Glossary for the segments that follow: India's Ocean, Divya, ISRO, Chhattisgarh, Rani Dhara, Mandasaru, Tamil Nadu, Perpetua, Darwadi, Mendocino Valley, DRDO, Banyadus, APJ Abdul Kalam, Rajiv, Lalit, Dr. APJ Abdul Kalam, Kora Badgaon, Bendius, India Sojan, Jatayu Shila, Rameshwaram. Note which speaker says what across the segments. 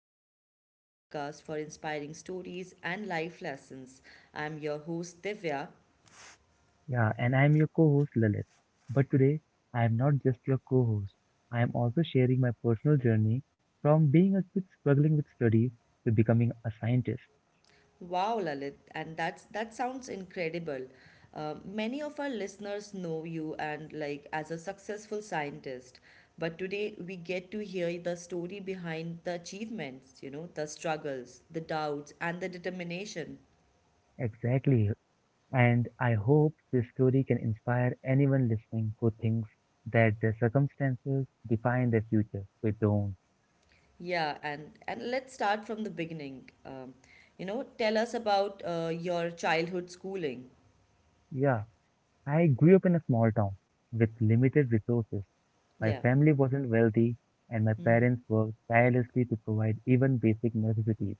Speaker 1: your go to podcast for inspiring stories and life lessons. I'm your host, Divya.
Speaker 2: Yeah, and I'm your co host Lalit. But today, I am not just your co host, I am also sharing my personal journey from being a kid struggling with studies to becoming a scientist.
Speaker 1: Wow, Lalit, and that sounds incredible. Many of our listeners know you and like as a successful scientist, but today we get to hear the story behind the achievements, you know, the struggles, the doubts, and the determination.
Speaker 2: Exactly. And I hope this story can inspire anyone listening who thinks that their circumstances define their future. They don't.
Speaker 1: Yeah, and let's start from the beginning. Tell us about your childhood schooling.
Speaker 2: Yeah, I grew up in a small town with limited resources. My
Speaker 1: Yeah.
Speaker 2: family wasn't wealthy, and my
Speaker 1: Mhm.
Speaker 2: parents worked tirelessly to provide even basic necessities.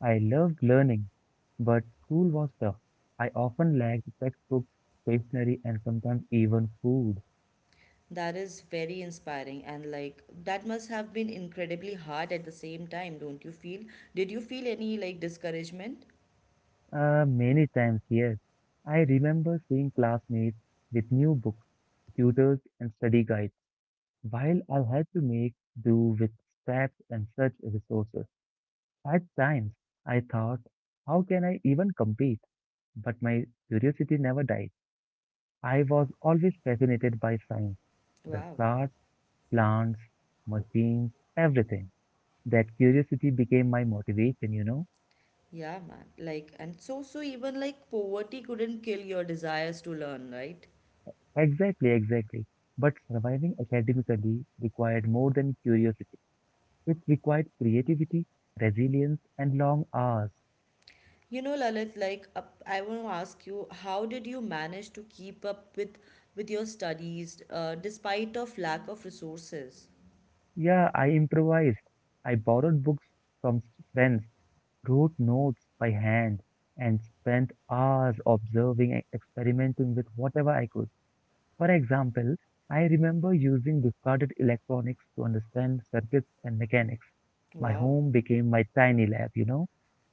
Speaker 2: I loved learning, but school was tough. I often lacked textbooks, stationery, and sometimes even food.
Speaker 1: That is very inspiring, and like that must have been incredibly hard at the same time, don't you feel? Did you feel any like discouragement?
Speaker 2: Many times, yes. I remember seeing classmates with new books, tutors, and study guides, while I had to make do with scraps and such resources. At times, I thought, how can I even compete? But my curiosity never died. I was always fascinated by science, the
Speaker 1: Wow.
Speaker 2: stars, plants, machines, everything. That curiosity became my motivation, you know?
Speaker 1: Yeah, man. Like, and so even like poverty couldn't kill your desires to learn, right?
Speaker 2: Exactly, exactly. But surviving academically required more than curiosity. It required creativity, resilience, and long hours.
Speaker 1: You know, Lalit, like I want to ask you, how did you manage to keep up with your studies despite of lack of resources?
Speaker 2: Yeah, I improvised. I borrowed books from friends, wrote notes by hand, and spent hours observing and experimenting with whatever I could. For example, I remember using discarded electronics to understand circuits and mechanics. My
Speaker 1: Wow,
Speaker 2: home became my tiny lab, you know?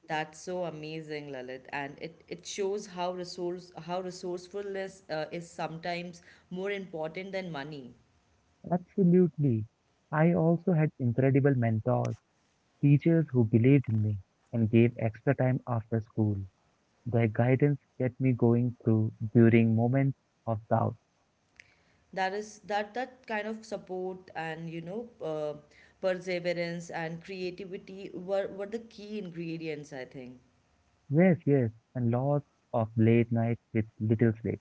Speaker 1: that's so amazing, Lalit, and it shows how resourcefulness is sometimes more important than money.
Speaker 2: Absolutely. I also had incredible mentors, teachers who believed in me and gave extra time after school. Their guidance kept me going through during moments of doubt.
Speaker 1: That that kind of support and you know perseverance and creativity were the key ingredients, I think.
Speaker 2: Yes, yes, and lots of late nights with little sleep,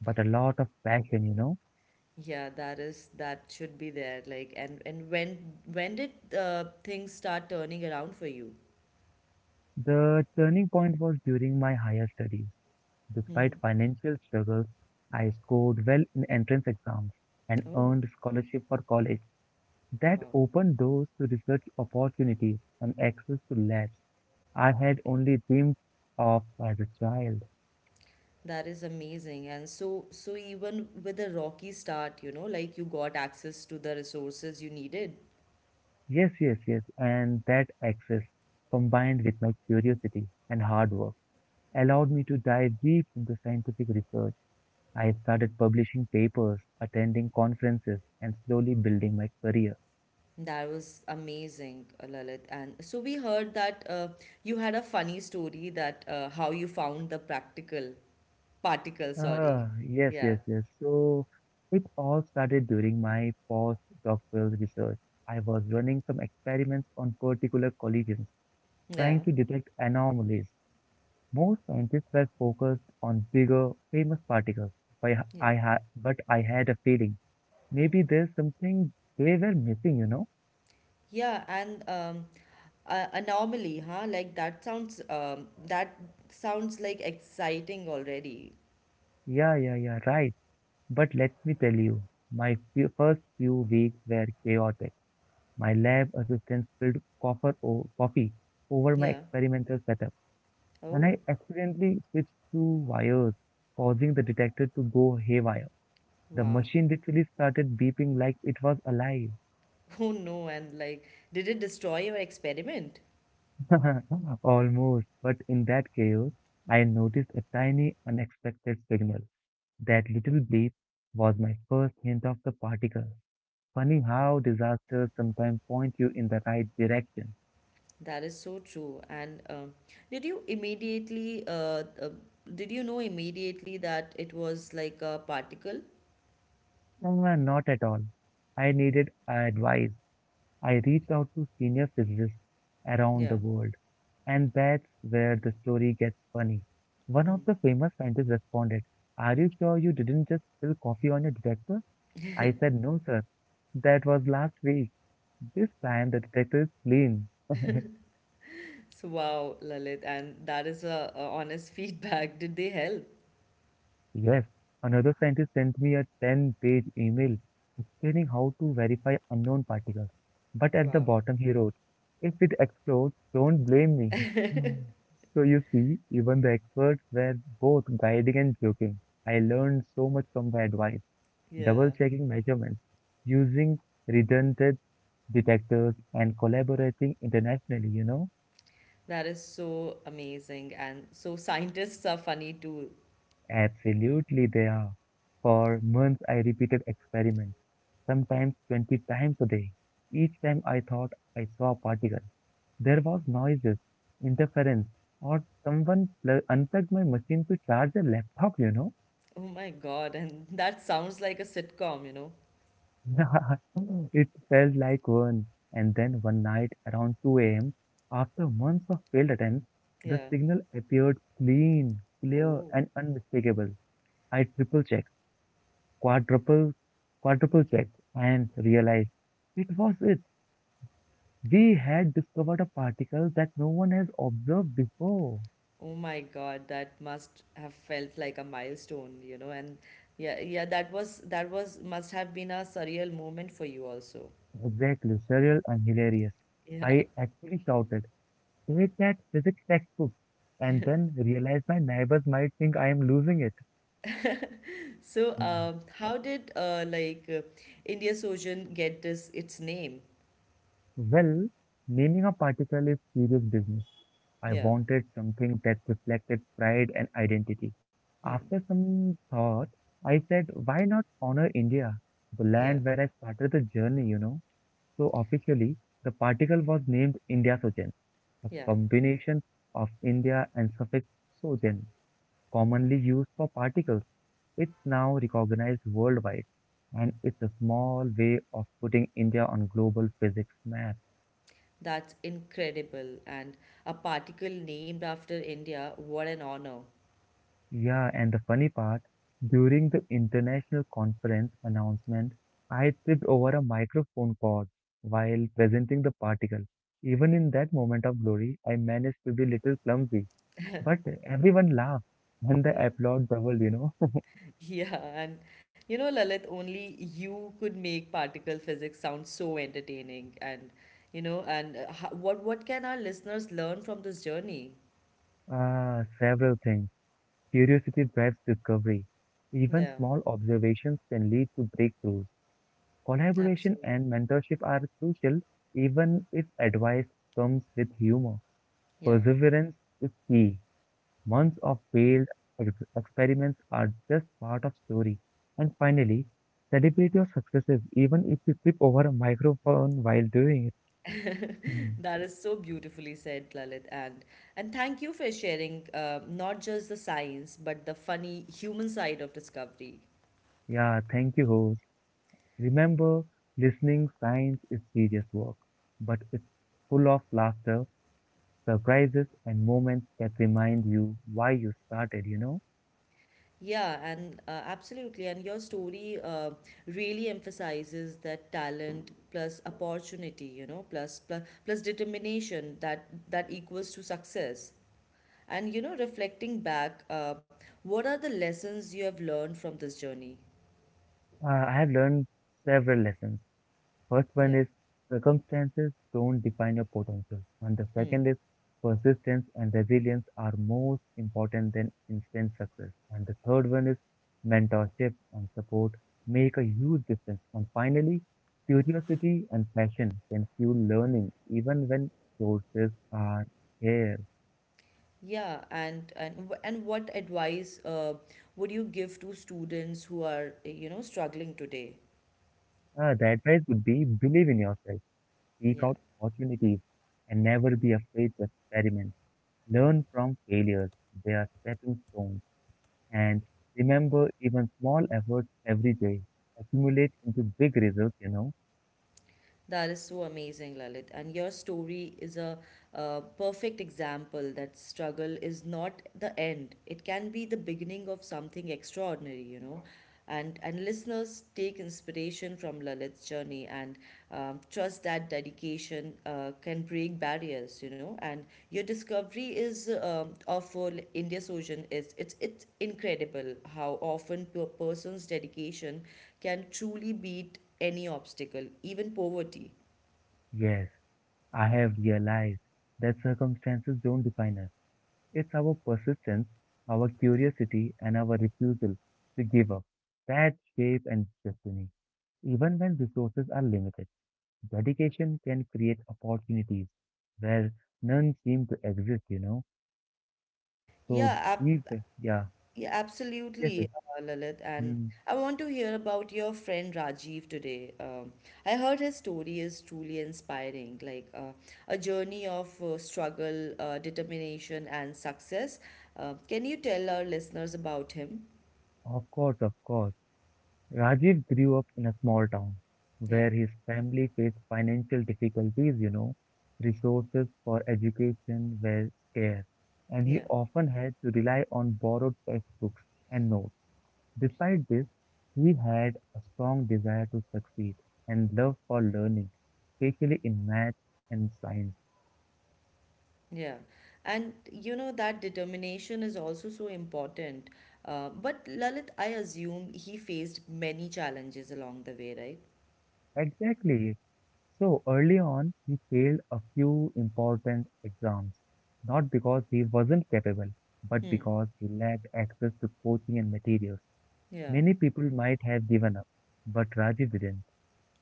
Speaker 2: but a lot of passion, you know?
Speaker 1: Yeah, that should be there. Like, and when did things start turning around for you?
Speaker 2: The turning point was during my higher studies. Despite
Speaker 1: Hmm.
Speaker 2: financial struggles, I scored well in entrance exams and
Speaker 1: Oh,
Speaker 2: earned scholarship for college. That
Speaker 1: wow,
Speaker 2: opened doors to research opportunities and access to labs I had only dreamed of as a child.
Speaker 1: that is amazing. And so even with a rocky start, you know, like you got access to the resources you needed.
Speaker 2: Yes, yes, yes, and that access, combined with my curiosity and hard work, allowed me to dive deep into scientific research. I started publishing papers, attending conferences, and slowly building my career.
Speaker 1: That was amazing, Lalit. And so we heard that you had a funny story that how you found the practical particle. Sorry.
Speaker 2: Ah, yes,
Speaker 1: Yeah,
Speaker 2: yes, yes. So it all started during my postdoctoral research. I was running some experiments on particular collisions,
Speaker 1: yeah,
Speaker 2: trying to detect anomalies. Most scientists were focused on bigger, famous particles, but
Speaker 1: yeah,
Speaker 2: but I had a feeling maybe there's something they were missing, you know?
Speaker 1: yeah. And anomaly huh like that sounds like exciting already.
Speaker 2: Yeah, yeah, yeah, right. But let me tell you, first few weeks were chaotic. My lab assistant spilled coffee over my
Speaker 1: Yeah.
Speaker 2: experimental setup, and
Speaker 1: Oh.
Speaker 2: I accidentally switched two wires, causing the detector to go haywire. The
Speaker 1: Wow.
Speaker 2: machine literally started beeping like it was alive.
Speaker 1: Oh no, and like did it destroy your experiment?
Speaker 2: Almost. But in that chaos, I noticed a tiny, unexpected signal. That little bleep was my first hint of the particle. Funny how disasters sometimes point you in the right direction.
Speaker 1: That is so true. And did you immediately did you know immediately that it was like a particle?
Speaker 2: Ah, not at all. I needed advice. I reached out to senior physicists around
Speaker 1: Yeah.
Speaker 2: the world. And that's where the story gets funny. One
Speaker 1: Hmm.
Speaker 2: of the famous scientists responded, "Are you sure you didn't just spill coffee on your detector?" I said, "No, sir. That was last week. This time the detector is clean."
Speaker 1: So wow, Lalit, and that is a honest feedback, did they help?
Speaker 2: Yes. Another scientist sent me a 10-page email explaining how to verify unknown particles. But at the
Speaker 1: Wow.
Speaker 2: bottom, he wrote, "If it explodes, don't blame me." Hmm. So you see, even the experts were both guiding and joking. I learned so much from the advice, double
Speaker 1: Yeah.
Speaker 2: checking measurements, using redundant detectors, and collaborating internationally, you know?
Speaker 1: That is so amazing. And so scientists are funny too.
Speaker 2: Absolutely, they are. For months, I repeated experiments, sometimes 20 times a day. Each time I thought I saw a particle, there was noises, interference, or unplugged my machine to charge a laptop, you know.
Speaker 1: Oh my God. And that sounds like a sitcom, you know?
Speaker 2: It felt like one. And then one night around 2 a.m., after months of failed attempts, the
Speaker 1: Yeah.
Speaker 2: signal appeared clean, clear,
Speaker 1: Oh.
Speaker 2: and unmistakable. I triple checked, quadruple, quadruple checked, and realized it was it. We had discovered a particle that no one has observed before.
Speaker 1: Oh my God. That must have felt like a milestone, you know? And yeah, yeah, must have been a surreal moment for you also.
Speaker 2: Exactly, surreal and hilarious.
Speaker 1: Yeah.
Speaker 2: I actually shouted, "Take that, physics textbook," and then realized my neighbors might think I am losing it.
Speaker 1: So, how did, India's Ocean get its name?
Speaker 2: Well, naming a particle is serious business. I
Speaker 1: Yeah.
Speaker 2: wanted something that reflected pride and identity.
Speaker 1: Hmm.
Speaker 2: After some thought, I said, why not honor India, the
Speaker 1: Yeah.
Speaker 2: land where I started the journey, you know? So officially, the particle was named India Sojan, a
Speaker 1: Yeah.
Speaker 2: combination of India and suffix Sojan, commonly used for particles. It's now recognized worldwide, and it's a small way of putting India on global physics map.
Speaker 1: That's incredible. And a particle named after India, what an honor.
Speaker 2: Yeah, and the funny part, during the international conference announcement, I tripped over a microphone cord while presenting the particle. Even in that moment of glory, I managed to be little clumsy, but everyone laughed and the
Speaker 1: Yeah.
Speaker 2: applaud doubled, you know.
Speaker 1: Yeah, and you know, Lalit, only you could make particle physics sound so entertaining, and you know, and what can our listeners learn from this journey?
Speaker 2: Ah, several things. Curiosity drives discovery. Even
Speaker 1: Yeah,
Speaker 2: small observations can lead to breakthroughs. Collaboration
Speaker 1: absolutely.
Speaker 2: and mentorship are crucial, even if advice comes with humor.
Speaker 1: Yeah,
Speaker 2: Perseverance is key. Months of failed experiments are just part of story. And finally, celebrate your successes, even if you trip over a microphone while doing it. Hmm.
Speaker 1: that is so beautifully said, Lalit, and thank you for sharing not just the science but the funny human side of discovery.
Speaker 2: Yeah, thank you, host. Remember, listening science is serious work, but it's full of laughter, surprises, and moments that remind you why you started. You know,
Speaker 1: Yeah, and absolutely. And your story really emphasizes that talent plus opportunity, you know, plus determination, that equals to success. And you know, reflecting back, what are the lessons you have learned from this journey?
Speaker 2: I have learned several lessons. First one
Speaker 1: Yeah.
Speaker 2: is circumstances don't define your potential. And the
Speaker 1: Hmm.
Speaker 2: second is persistence and resilience are more important than instant success. And the third one is mentorship and support make a huge difference. And finally, curiosity and passion can fuel learning even when sources are here.
Speaker 1: Yeah, and what advice would you give to students who are, you know, struggling today?
Speaker 2: The advice would be believe in yourself, seek
Speaker 1: Yeah.
Speaker 2: out opportunities, and never be afraid to experiment. Learn from failures. They are stepping stones. And remember, even small efforts every day accumulate into big results, you know.
Speaker 1: That is so amazing, Lalit. And your story is a perfect example that struggle is not the end. It can be the beginning of something extraordinary, you know. And listeners, take inspiration from Lalit's journey, and trust that dedication can break barriers, you know. And your discovery is of India's Ocean, is it's incredible how often a person's dedication can truly beat any obstacle, even poverty.
Speaker 2: Yes, I have realized that circumstances don't define us. It's our persistence, our curiosity, and our refusal to give up that shape and destiny. Even when resources are limited, dedication can create opportunities where none seem to exist, you know. So
Speaker 1: yeah ab-
Speaker 2: these, yeah,
Speaker 1: Yeah,
Speaker 2: yes, yes,
Speaker 1: absolutely, Lalit. And
Speaker 2: mm,
Speaker 1: I want to hear about your friend Rajiv today. I heard his story is truly inspiring, like a journey of struggle, determination, and success. Can you tell our listeners about him?
Speaker 2: of course, of course. Rajiv grew up in a small town
Speaker 1: Yeah,
Speaker 2: where his family faced financial difficulties, you know. Resources for education were scarce, and he
Speaker 1: yeah,
Speaker 2: often had to rely on borrowed textbooks and notes. Despite this, he had a strong desire to succeed and love for learning, especially in math and science.
Speaker 1: yeah. And you know, that determination is also so important. But Lalit, I assume he faced many challenges along the way, right?
Speaker 2: Exactly. So early on, he failed a few important exams, not because he wasn't capable, but
Speaker 1: Hmm.
Speaker 2: because he lacked access to coaching and materials.
Speaker 1: Yeah.
Speaker 2: Many people might have given up, but Rajiv didn't.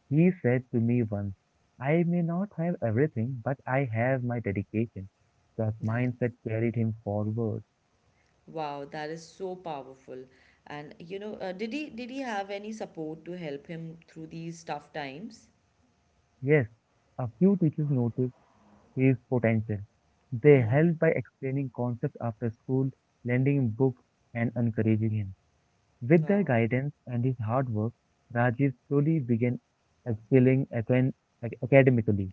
Speaker 2: He said to me once, "I may not have everything, but I have my dedication." That
Speaker 1: Nice.
Speaker 2: mindset carried him forward.
Speaker 1: Wow, that is so powerful. And you know, did he have any support to help him through these tough times?
Speaker 2: Yes, a few teachers noticed is potential. They
Speaker 1: Hmm.
Speaker 2: help by explaining concepts after school, lending books, and encouraging him. With their
Speaker 1: Wow.
Speaker 2: guidance and his hard work, Rajiv slowly began excelling academically.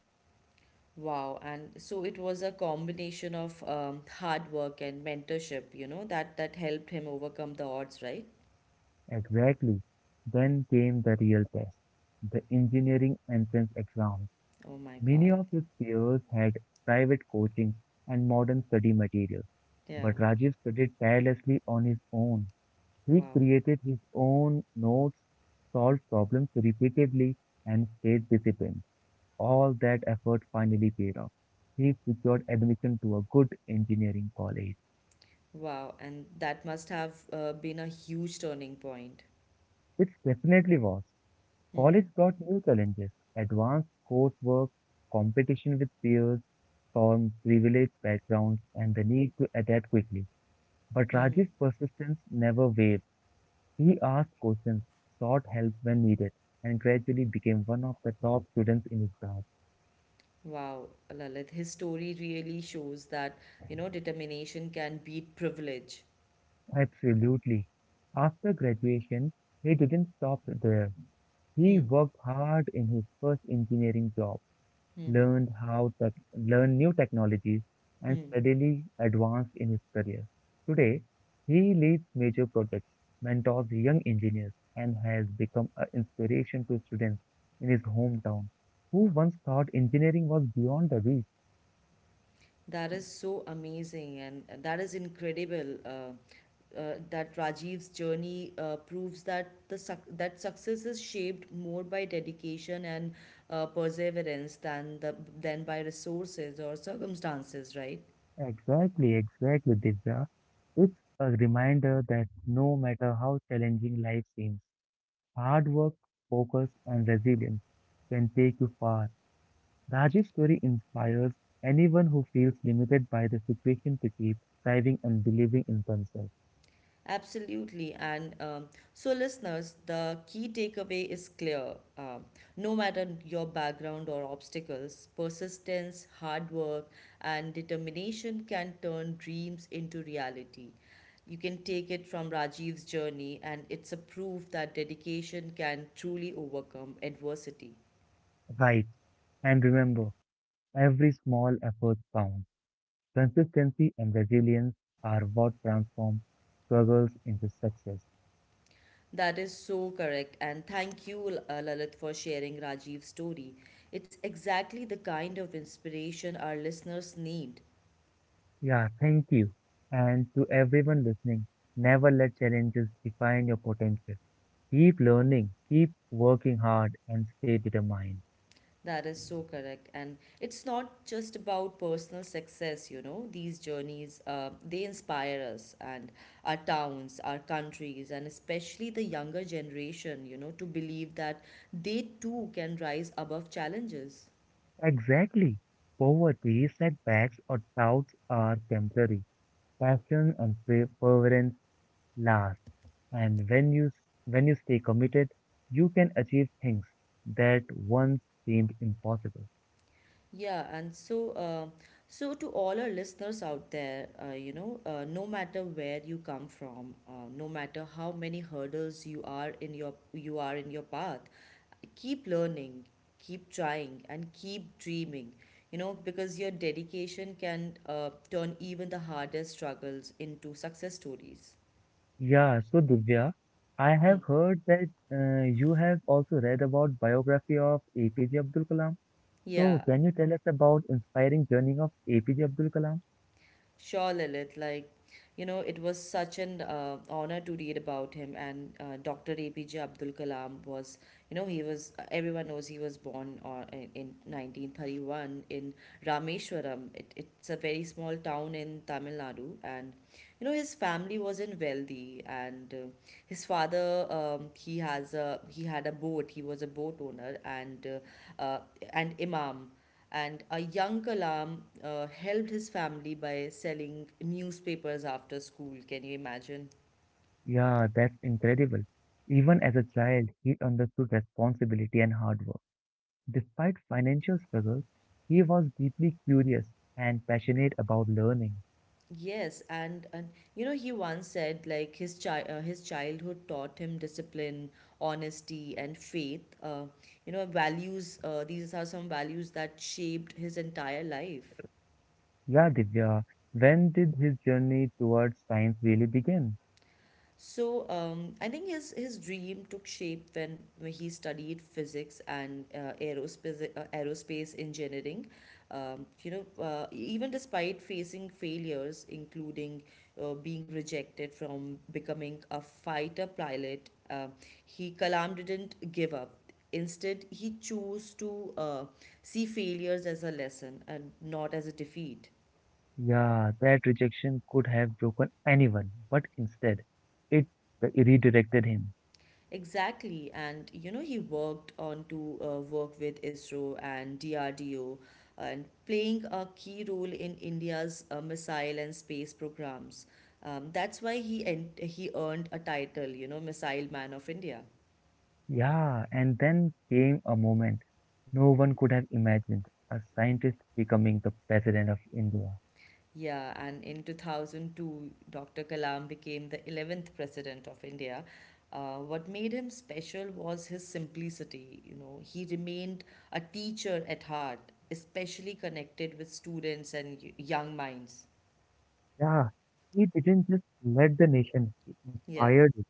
Speaker 1: Wow. And so it was a combination of hard work and mentorship, you know, that helped him overcome the odds, right?
Speaker 2: Exactly. Then came the real test, the engineering entrance exam.
Speaker 1: Oh my
Speaker 2: Many
Speaker 1: God.
Speaker 2: of his peers had private coaching and modern study materials,
Speaker 1: Yeah.
Speaker 2: but Rajiv studied tirelessly on his own. He
Speaker 1: Wow.
Speaker 2: created his own notes, solved problems repeatedly, and stayed disciplined. All that effort finally paid off. He secured admission to a good engineering college.
Speaker 1: Wow. And that must have been a huge turning point.
Speaker 2: It definitely was.
Speaker 1: Hmm.
Speaker 2: College brought new challenges, advanced coursework, competition with peers from privileged backgrounds, and the need to adapt quickly. But
Speaker 1: Mm-hmm.
Speaker 2: Rajiv's persistence never wavered. He asked questions, sought help when needed, and gradually became one of the top students in his class.
Speaker 1: Wow, Lalit, his story really shows that, you know, determination can beat privilege.
Speaker 2: Absolutely. After graduation, he didn't stop there. He
Speaker 1: Hmm.
Speaker 2: worked hard in his first engineering job,
Speaker 1: Hmm.
Speaker 2: learned how to learn new technologies, and
Speaker 1: Hmm.
Speaker 2: steadily advanced in his career. Today, he leads major projects, mentors young engineers, and has become an inspiration to students in his hometown who once thought engineering was beyond the reach.
Speaker 1: That is so amazing, and that is incredible. That Rajiv's journey proves that the suc that success is shaped more by dedication and perseverance than by resources or circumstances, right?
Speaker 2: Exactly, exactly, Divya. It's a reminder that no matter how challenging life seems, hard work, focus, and resilience can take you far. Rajiv's story inspires anyone who feels limited by the situation to keep striving and believing in themselves.
Speaker 1: Absolutely. And so, listeners, the key takeaway is clear. No matter your background or obstacles, persistence, hard work, and determination can turn dreams into reality. You can take it from Rajiv's journey, and it's a proof that dedication can truly overcome adversity.
Speaker 2: Right. And remember, every small effort counts. Consistency and resilience are what transform struggles into success.
Speaker 1: That is so correct. And thank you, Lalit, for sharing Rajiv's story. It's exactly the kind of inspiration our listeners need.
Speaker 2: Yeah, thank you. And to everyone listening, never let challenges define your potential. Keep learning, keep working hard, and stay determined.
Speaker 1: That is so correct. And it's not just about personal success, you know. These journeys, they inspire us and our towns, our countries, and especially the younger generation, you know, to believe that they too can rise above challenges.
Speaker 2: Exactly. Poverty, setbacks, or doubts are temporary. Passion and perseverance last. And when you stay committed, you can achieve things that once seemed impossible.
Speaker 1: Yeah, and so to all our listeners out there, no matter where you come from, no matter how many hurdles you are in your path, keep learning, keep trying, and keep dreaming. You know, because your dedication can turn even the hardest struggles into success stories.
Speaker 2: Yeah, so Divya, I
Speaker 1: Hmm.
Speaker 2: have heard that you have also read about biography of APJ Abdul Kalam. So,
Speaker 1: Yeah.
Speaker 2: can you tell us about inspiring journey of APJ Abdul Kalam?
Speaker 1: Sure, Lilith. Like, you know, it was such an honor to read about him. And Dr. APJ Abdul Kalam was, everyone knows he was born in 1931 in Rameshwaram. It's a very small town in Tamil Nadu. And, you know, his family wasn't wealthy. And his father, he had a boat. He was a boat owner uh, uh, and imam, and a young Kalam helped his family by selling newspapers after school. Can you imagine?
Speaker 2: Yeah, that's incredible. Even as a child, he understood responsibility and hard work. Despite financial struggles, he was deeply curious and passionate about learning.
Speaker 1: Yes, and you know, he once said like his childhood taught him discipline, honesty, and faith. You know, values. These are some values that shaped his entire life.
Speaker 2: Yeah, Divya, when did his journey towards science really begin?
Speaker 1: So I think his dream took shape when he studied physics and aerospace engineering. Even despite facing failures, including being rejected from becoming a fighter pilot, he Kalam didn't give up. Instead, he chose to see failures as a lesson and not as a defeat.
Speaker 2: Yeah, that rejection could have broken anyone, but instead, it redirected him.
Speaker 1: Exactly, and you know, he worked on to work with ISRO and DRDO, and playing a key role in India's missile and space programs. That's why he earned a title, you know, Missile Man of India.
Speaker 2: Yeah, and then came a moment no one could have imagined a scientist becoming the president of India.
Speaker 1: Yeah, and in 2002, Dr. Kalam became the 11th president of India. What made him special was his simplicity. You know, he remained a teacher at heart, especially connected with students and young minds.
Speaker 2: Yeah, he didn't just lead the nation, he
Speaker 1: Yeah.
Speaker 2: fired it.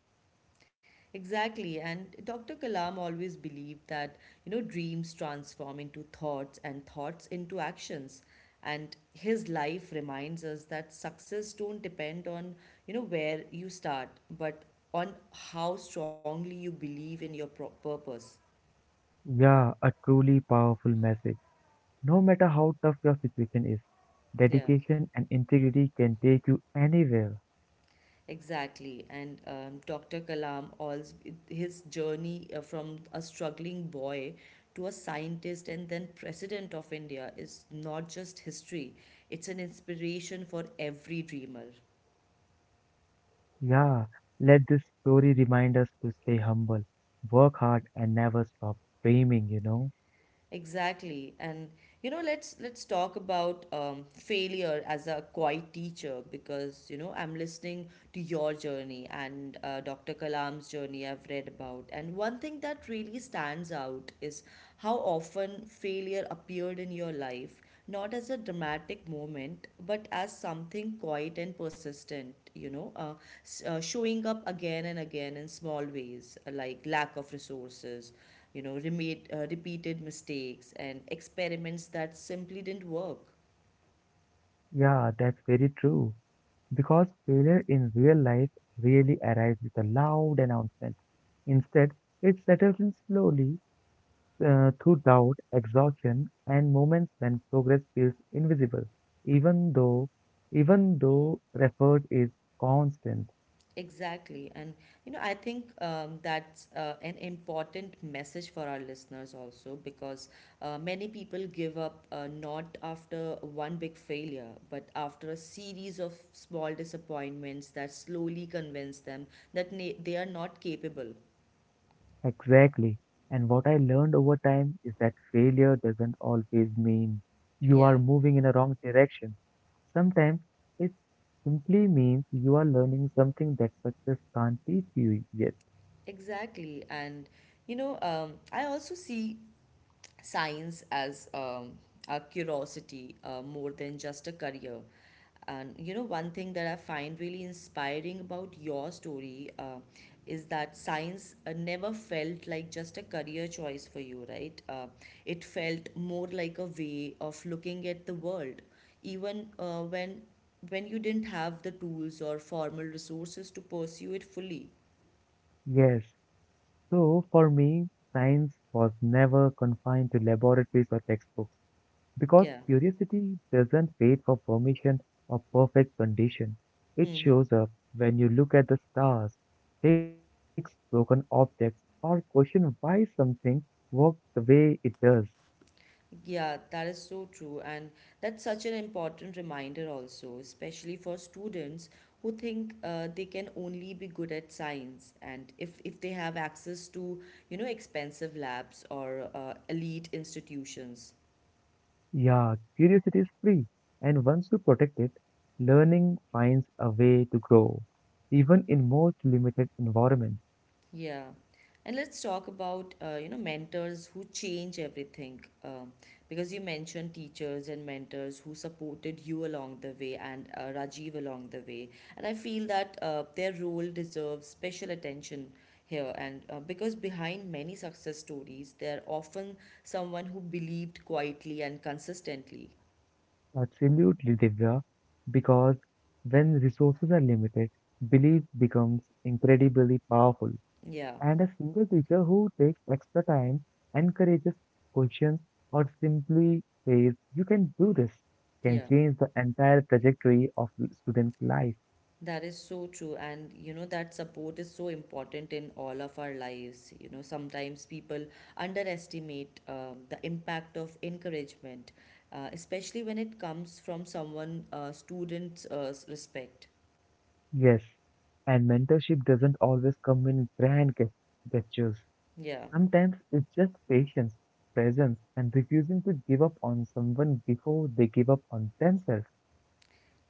Speaker 1: Exactly, and Dr. Kalam always believed that you know, dreams transform into thoughts, and thoughts into actions. And his life reminds us that success don't depend on you know where you start, but on how strongly you believe in your purpose.
Speaker 2: Yeah, a truly powerful message. No matter how tough your situation is,
Speaker 1: Yeah.
Speaker 2: dedication and integrity can take you anywhere.
Speaker 1: Exactly, and Dr. Kalam, also, his journey from a struggling boy to a scientist and then president of India is not just history; it's an inspiration for every dreamer.
Speaker 2: Yeah, let this story remind us to stay humble, work hard, and never stop dreaming,
Speaker 1: Exactly, and you know, let's talk about failure as a quiet teacher, because you know, I'm listening to your journey and Dr. Kalam's journey I've read about. And one thing that really stands out is how often failure appeared in your life, not as a dramatic moment, but as something quiet and persistent, you know, showing up again and again in small ways, like lack of resources, you know, repeated mistakes, and experiments that simply didn't work.
Speaker 2: Yeah, that's very true. Because failure in real life really arrives with a loud announcement. Instead, it settles in slowly through doubt, exhaustion, and moments when progress feels invisible, even though even though effort is constant.
Speaker 1: Exactly. And you know, I think that's an important message for our listeners also, because many people give up not after one big failure, but after a series of small disappointments that slowly convince them that na they are not capable.
Speaker 2: Exactly. And what I learned over time is that failure doesn't always mean you are
Speaker 1: Yeah,
Speaker 2: moving in a wrong direction. Sometimes it simply means you are learning something that success can't teach you yet.
Speaker 1: exactly. And you know, I also see science as a curiosity more than just a career. And you know, one thing that I find really inspiring about your story is that science never felt like just a career choice for you, right? It felt more like a way of looking at the world, even when you didn't have the tools or formal resources to pursue it fully.
Speaker 2: Yes. So for me, science was never confined to laboratories or textbooks. Because
Speaker 1: Yeah.
Speaker 2: curiosity doesn't wait for permission or perfect condition. It
Speaker 1: Hmm.
Speaker 2: shows up when you look at the stars, fix broken objects, or question why something works the way it does.
Speaker 1: Yeah, that is so true. And that's such an important reminder, also, especially for students who think they can only be good at science. And if they have access to, expensive labs or elite institutions.
Speaker 2: Yeah, curiosity is free, and once you protect it, learning finds a way to grow, even in most limited environments.
Speaker 1: Yeah, and let's talk about mentors who change everything. Because you mentioned teachers and mentors who supported you along the way and Rajiv along the way, and I feel that their role deserves special attention here. And Because behind many success stories, they're often someone who believed quietly and consistently.
Speaker 2: Absolutely, Divya, because when resources are limited, belief becomes incredibly powerful.
Speaker 1: Yeah,
Speaker 2: And a single teacher who takes extra time, encourages questions, or simply says, "You can do this," can
Speaker 1: yeah.
Speaker 2: change the entire trajectory of the student's life.
Speaker 1: That is so true. And you know, that support is so important in all of our lives. You know, sometimes people underestimate the impact of encouragement, especially when it comes from someone students respect.
Speaker 2: Yes, and mentorship doesn't always come in gestures.
Speaker 1: Yeah.
Speaker 2: Sometimes it's just patience, presence, and refusing to give up on someone before they give up on themselves.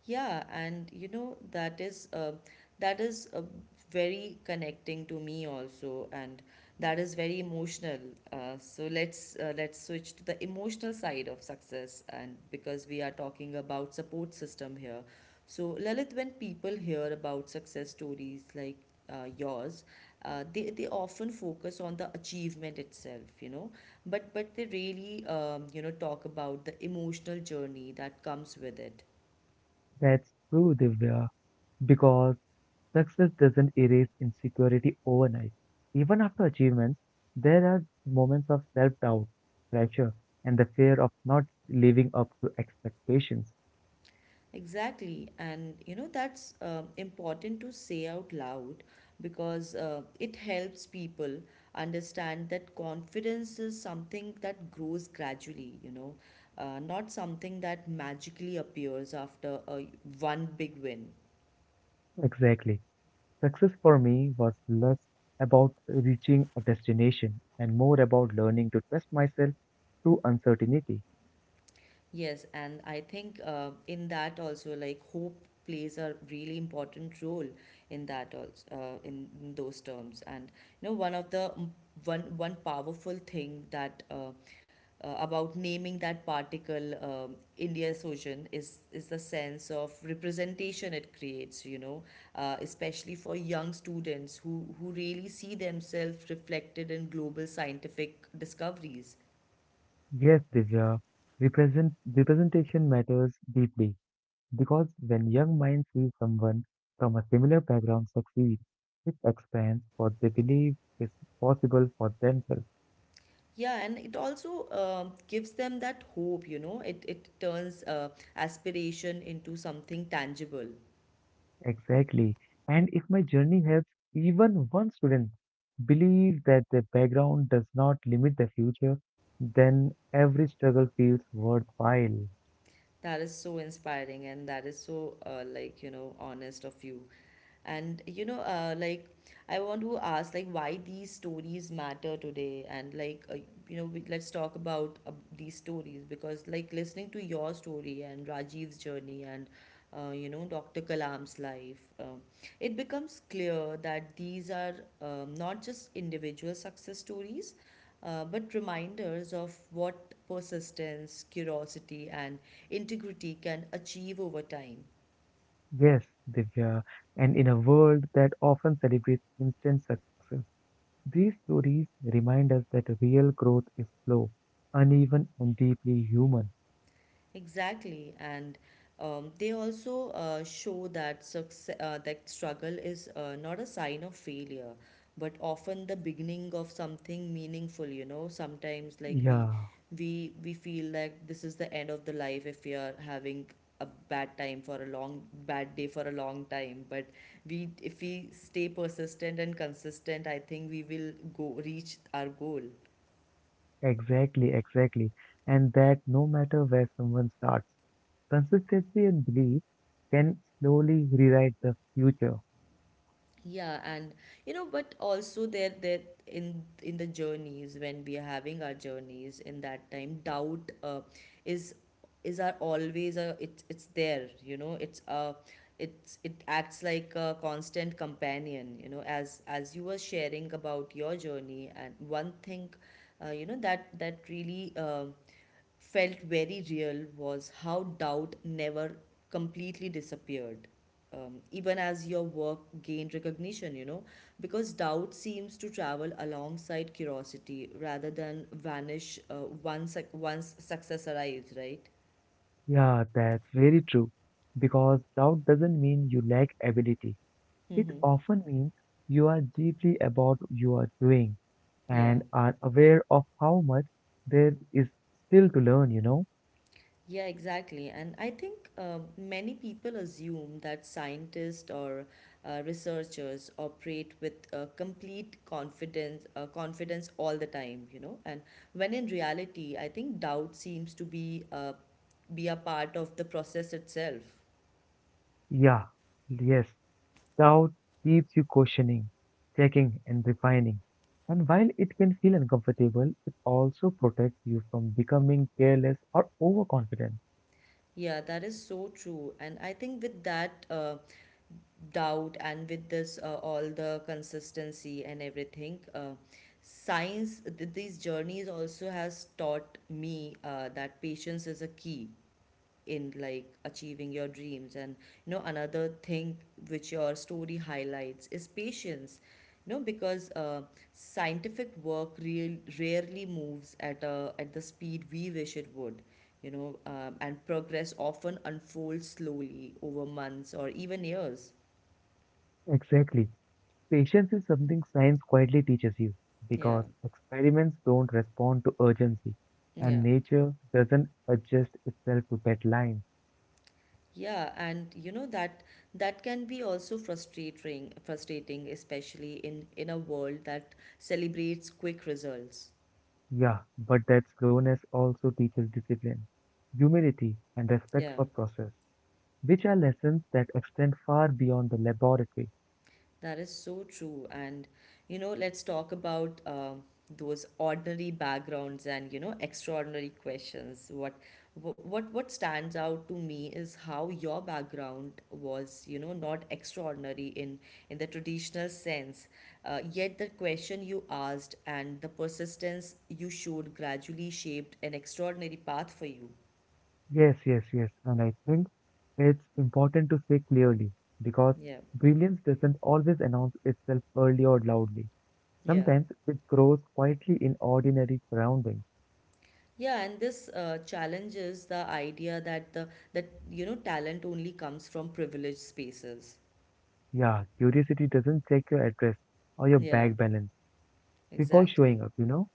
Speaker 1: Yeah, and you know, that is very connecting to me also, and that is very emotional. So let's switch to the emotional side of success, and because we are talking about support system here. So Lalit, when people hear about success stories like yours, they often focus on the achievement itself, you know, but they really talk about the emotional journey that comes with it.
Speaker 2: That's true, Divya, because success doesn't erase insecurity overnight. Even after achievements, there are moments of self doubt, pressure, and the fear of not living up to expectations.
Speaker 1: Exactly. And you know, that's important to say out loud because it helps people understand that confidence is something that grows gradually, you know, not something that magically appears after one big win.
Speaker 2: Exactly. Success for me was less about reaching a destination and more about learning to trust myself through uncertainty.
Speaker 1: Yes, and I think in that also, like hope plays a really important role in that also in those terms. And you know, one of the one powerful thing that about naming that particle India ocean is the sense of representation it creates. You know, especially for young students who really see themselves reflected in global scientific discoveries.
Speaker 2: Yes, Divya, represent, representation matters deeply. Because when young minds see someone from a similar background succeed, it expands what they believe is possible for themselves.
Speaker 1: Yeah, and it also gives them that hope, you know, it turns aspiration into something tangible.
Speaker 2: Exactly. And if my journey helps even one student believe that their background does not limit their future, then every struggle feels worthwhile.
Speaker 1: That is so inspiring and that is so honest of you. And I want to ask like why these stories matter today, and let's talk about these stories because like listening to your story and Rajiv's journey and Dr. Kalam's life, it becomes clear that these are not just individual success stories, but reminders of what persistence, curiosity, and integrity can achieve over time.
Speaker 2: Yes, Divya, and in a world that often celebrates instant success, these stories remind us that real growth is slow, uneven, and deeply human.
Speaker 1: Exactly, and they also show that struggle is not a sign of failure, but often the beginning of something meaningful. You know, sometimes like we
Speaker 2: Yeah,
Speaker 1: we we feel like this is the end of the life if we are having a bad time for a long, bad day for a long time. But we if we stay persistent and consistent, I think we will go reach our goal.
Speaker 2: exactly, exactly. And that no matter where someone starts, consistency and belief can slowly rewrite the future.
Speaker 1: Yeah, and you know, but also there in the journeys, when we are having our journeys in that time, doubt is is our always a it's there, you know, it acts like a constant companion, you know, as you were sharing about your journey. And one thing you know that that really felt very real was how doubt never completely disappeared, even as your work gained recognition, you know, because doubt seems to travel alongside curiosity rather than vanish once success arrives, right?
Speaker 2: Yeah, that's very true. Because doubt doesn't mean you lack ability. It
Speaker 1: Mm-hmm.
Speaker 2: often means you are deeply about you are doing
Speaker 1: Yeah.
Speaker 2: and are aware of how much there is still to learn,
Speaker 1: Yeah, exactly. And I think many people assume that scientists or researchers operate with confidence all the time, you know. And when in reality, I think doubt seems to be a part of the process itself.
Speaker 2: Yeah, yes. Doubt keeps you questioning, checking, and refining. And while it can feel uncomfortable, it also protects you from becoming careless or overconfident.
Speaker 1: Yeah, that is so true. And I think with that, doubt and with this all the consistency and everything, these journeys also has taught me that patience is a key in like achieving your dreams. And you know, another thing which your story highlights is patience, you know, because scientific work rarely moves at at the speed we wish it would, you know. And progress often unfolds slowly over months or even years.
Speaker 2: Exactly. Patience is something science quietly teaches you
Speaker 1: Yeah,
Speaker 2: because experiments don't respond to urgency and
Speaker 1: yeah,
Speaker 2: nature doesn't adjust itself to deadlines.
Speaker 1: yeah, and you know that that can be also frustrating, especially in a world that celebrates quick results.
Speaker 2: Yeah, but that slowness also teaches discipline, humility, and respect
Speaker 1: Yeah.
Speaker 2: for process, which are lessons that extend far beyond the laboratory.
Speaker 1: That is so true. And, you know, let's talk about those ordinary backgrounds and, you know, extraordinary questions. What stands out to me is how your background was, you know, not extraordinary in the traditional sense. Yet the question you asked and the persistence you showed gradually shaped an extraordinary path for you.
Speaker 2: Yes, yes, yes. And I think it's important to say clearly because
Speaker 1: Yeah.
Speaker 2: brilliance doesn't always announce itself early or loudly.
Speaker 1: Yeah.
Speaker 2: Sometimes it grows quietly in ordinary surroundings.
Speaker 1: Yeah, and this challenges the idea that the that you know talent only comes from privileged spaces.
Speaker 2: Yeah, curiosity doesn't check your address or your
Speaker 1: Yeah,
Speaker 2: bank balance before showing
Speaker 1: exactly.
Speaker 2: up,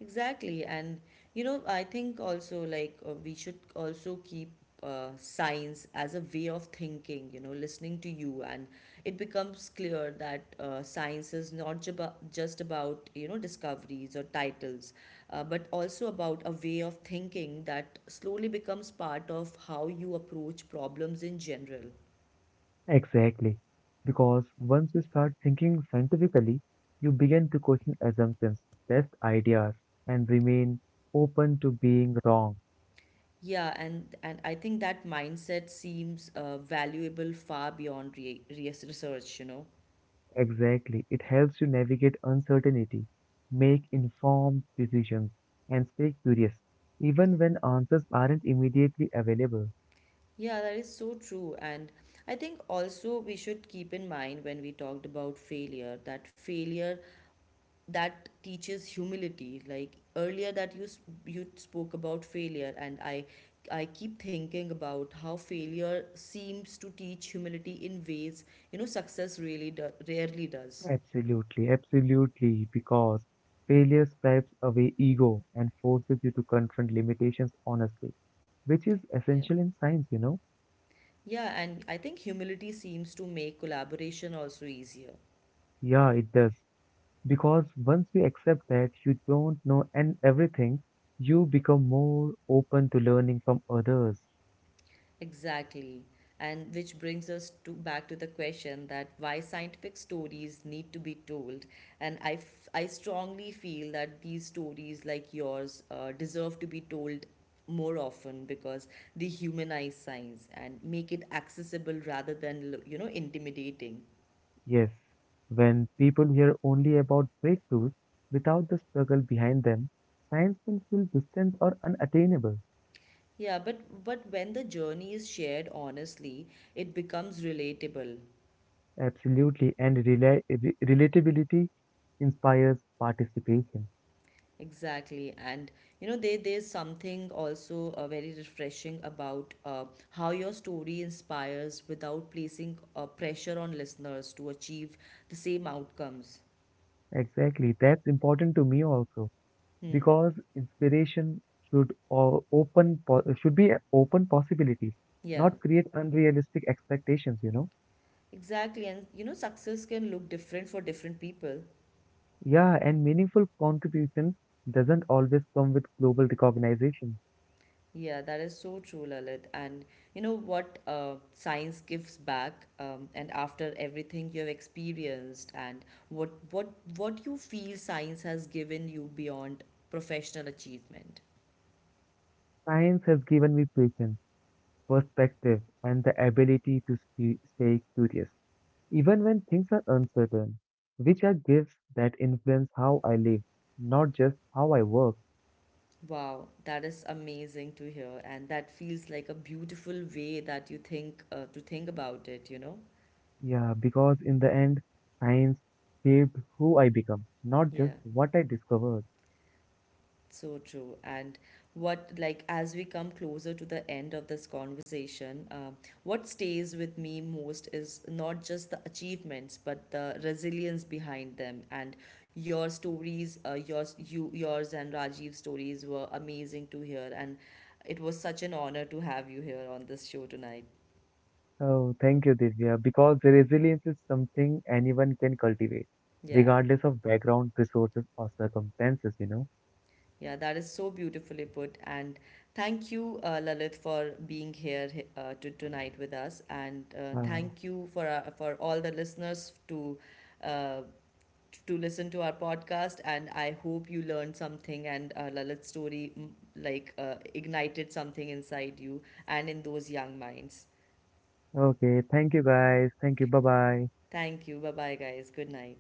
Speaker 1: Exactly. And you know, I think also we should also keep science as a way of thinking, you know, listening to you. And it becomes clear that science is not jaba- just about, you know, discoveries or titles, but also about a way of thinking that slowly becomes part of how you approach problems in general.
Speaker 2: Exactly. Because once you start thinking scientifically, you begin to question assumptions, test ideas, and remain open to being wrong.
Speaker 1: Yeah, and I think that mindset seems valuable far beyond research, you know.
Speaker 2: Exactly. It helps you navigate uncertainty, make informed decisions, and stay curious, even when answers aren't immediately available.
Speaker 1: Yeah, that is so true. And I think also we should keep in mind, when we talked about failure, that teaches humility. Like earlier you spoke about failure, and I keep thinking about how failure seems to teach humility in ways, you know, success really rarely does.
Speaker 2: Absolutely, absolutely, because failure stripes away ego and forces you to confront limitations honestly, which is
Speaker 1: Yeah.
Speaker 2: essential in science,
Speaker 1: Yeah, and I think humility seems to make collaboration also easier.
Speaker 2: Yeah, it does. Because once you accept that you don't know and everything, you become more open to learning from others.
Speaker 1: Exactly. And which brings us to back to the question that why scientific stories need to be told. And I strongly feel that these stories like yours deserve to be told more often because they humanize science and make it accessible rather than intimidating.
Speaker 2: Yes, when people hear only about breakthroughs without the struggle behind them, science can feel distant or unattainable.
Speaker 1: Yeah, but when the journey is shared honestly, it becomes relatable.
Speaker 2: Absolutely, and relatability inspires participation.
Speaker 1: Exactly, and you know, there there's something also very refreshing about how your story inspires without placing pressure on listeners to achieve the same outcomes.
Speaker 2: Exactly, that's important to me also
Speaker 1: Hmm.
Speaker 2: because inspiration should be open possibilities,
Speaker 1: Yeah,
Speaker 2: not create unrealistic expectations. You know,
Speaker 1: exactly, and you know, success can look different for different people.
Speaker 2: yeah, and meaningful contribution doesn't always come with global recognition.
Speaker 1: Yeah, that is so true, Lalit. And you know what science gives back, and after everything you have experienced, and what what what you feel science has given you beyond professional achievement.
Speaker 2: Science has given me patience, perspective, and the ability to stay curious, even when things are uncertain, which are gifts that influence how I live, not just how I work.
Speaker 1: Wow, that is amazing to hear, and that feels like a beautiful way that you think to think about it, you know?
Speaker 2: Yeah, because in the end, science shaped who I become, not
Speaker 1: Yeah.
Speaker 2: just what I discovered.
Speaker 1: So true. And what, like, as we come closer to the end of this conversation, what stays with me most is not just the achievements, but the resilience behind them. And your stories, yours and Rajiv's stories were amazing to hear. And it was such an honor to have you here on this show tonight.
Speaker 2: Oh, thank you, Divya, because resilience is something anyone can cultivate,
Speaker 1: Yeah.
Speaker 2: regardless of background, resources, or circumstances, you know.
Speaker 1: Yeah, that is so beautifully put. And thank you, Lalit, for being here tonight with us. And
Speaker 2: Ah,
Speaker 1: thank you for all the listeners uh, to listen to our podcast. And I hope you learned something, and Lalit's story, ignited something inside you and in those young minds.
Speaker 2: okay, thank you guys. Thank you. Bye bye.
Speaker 1: Thank you. Bye bye, guys. Good night.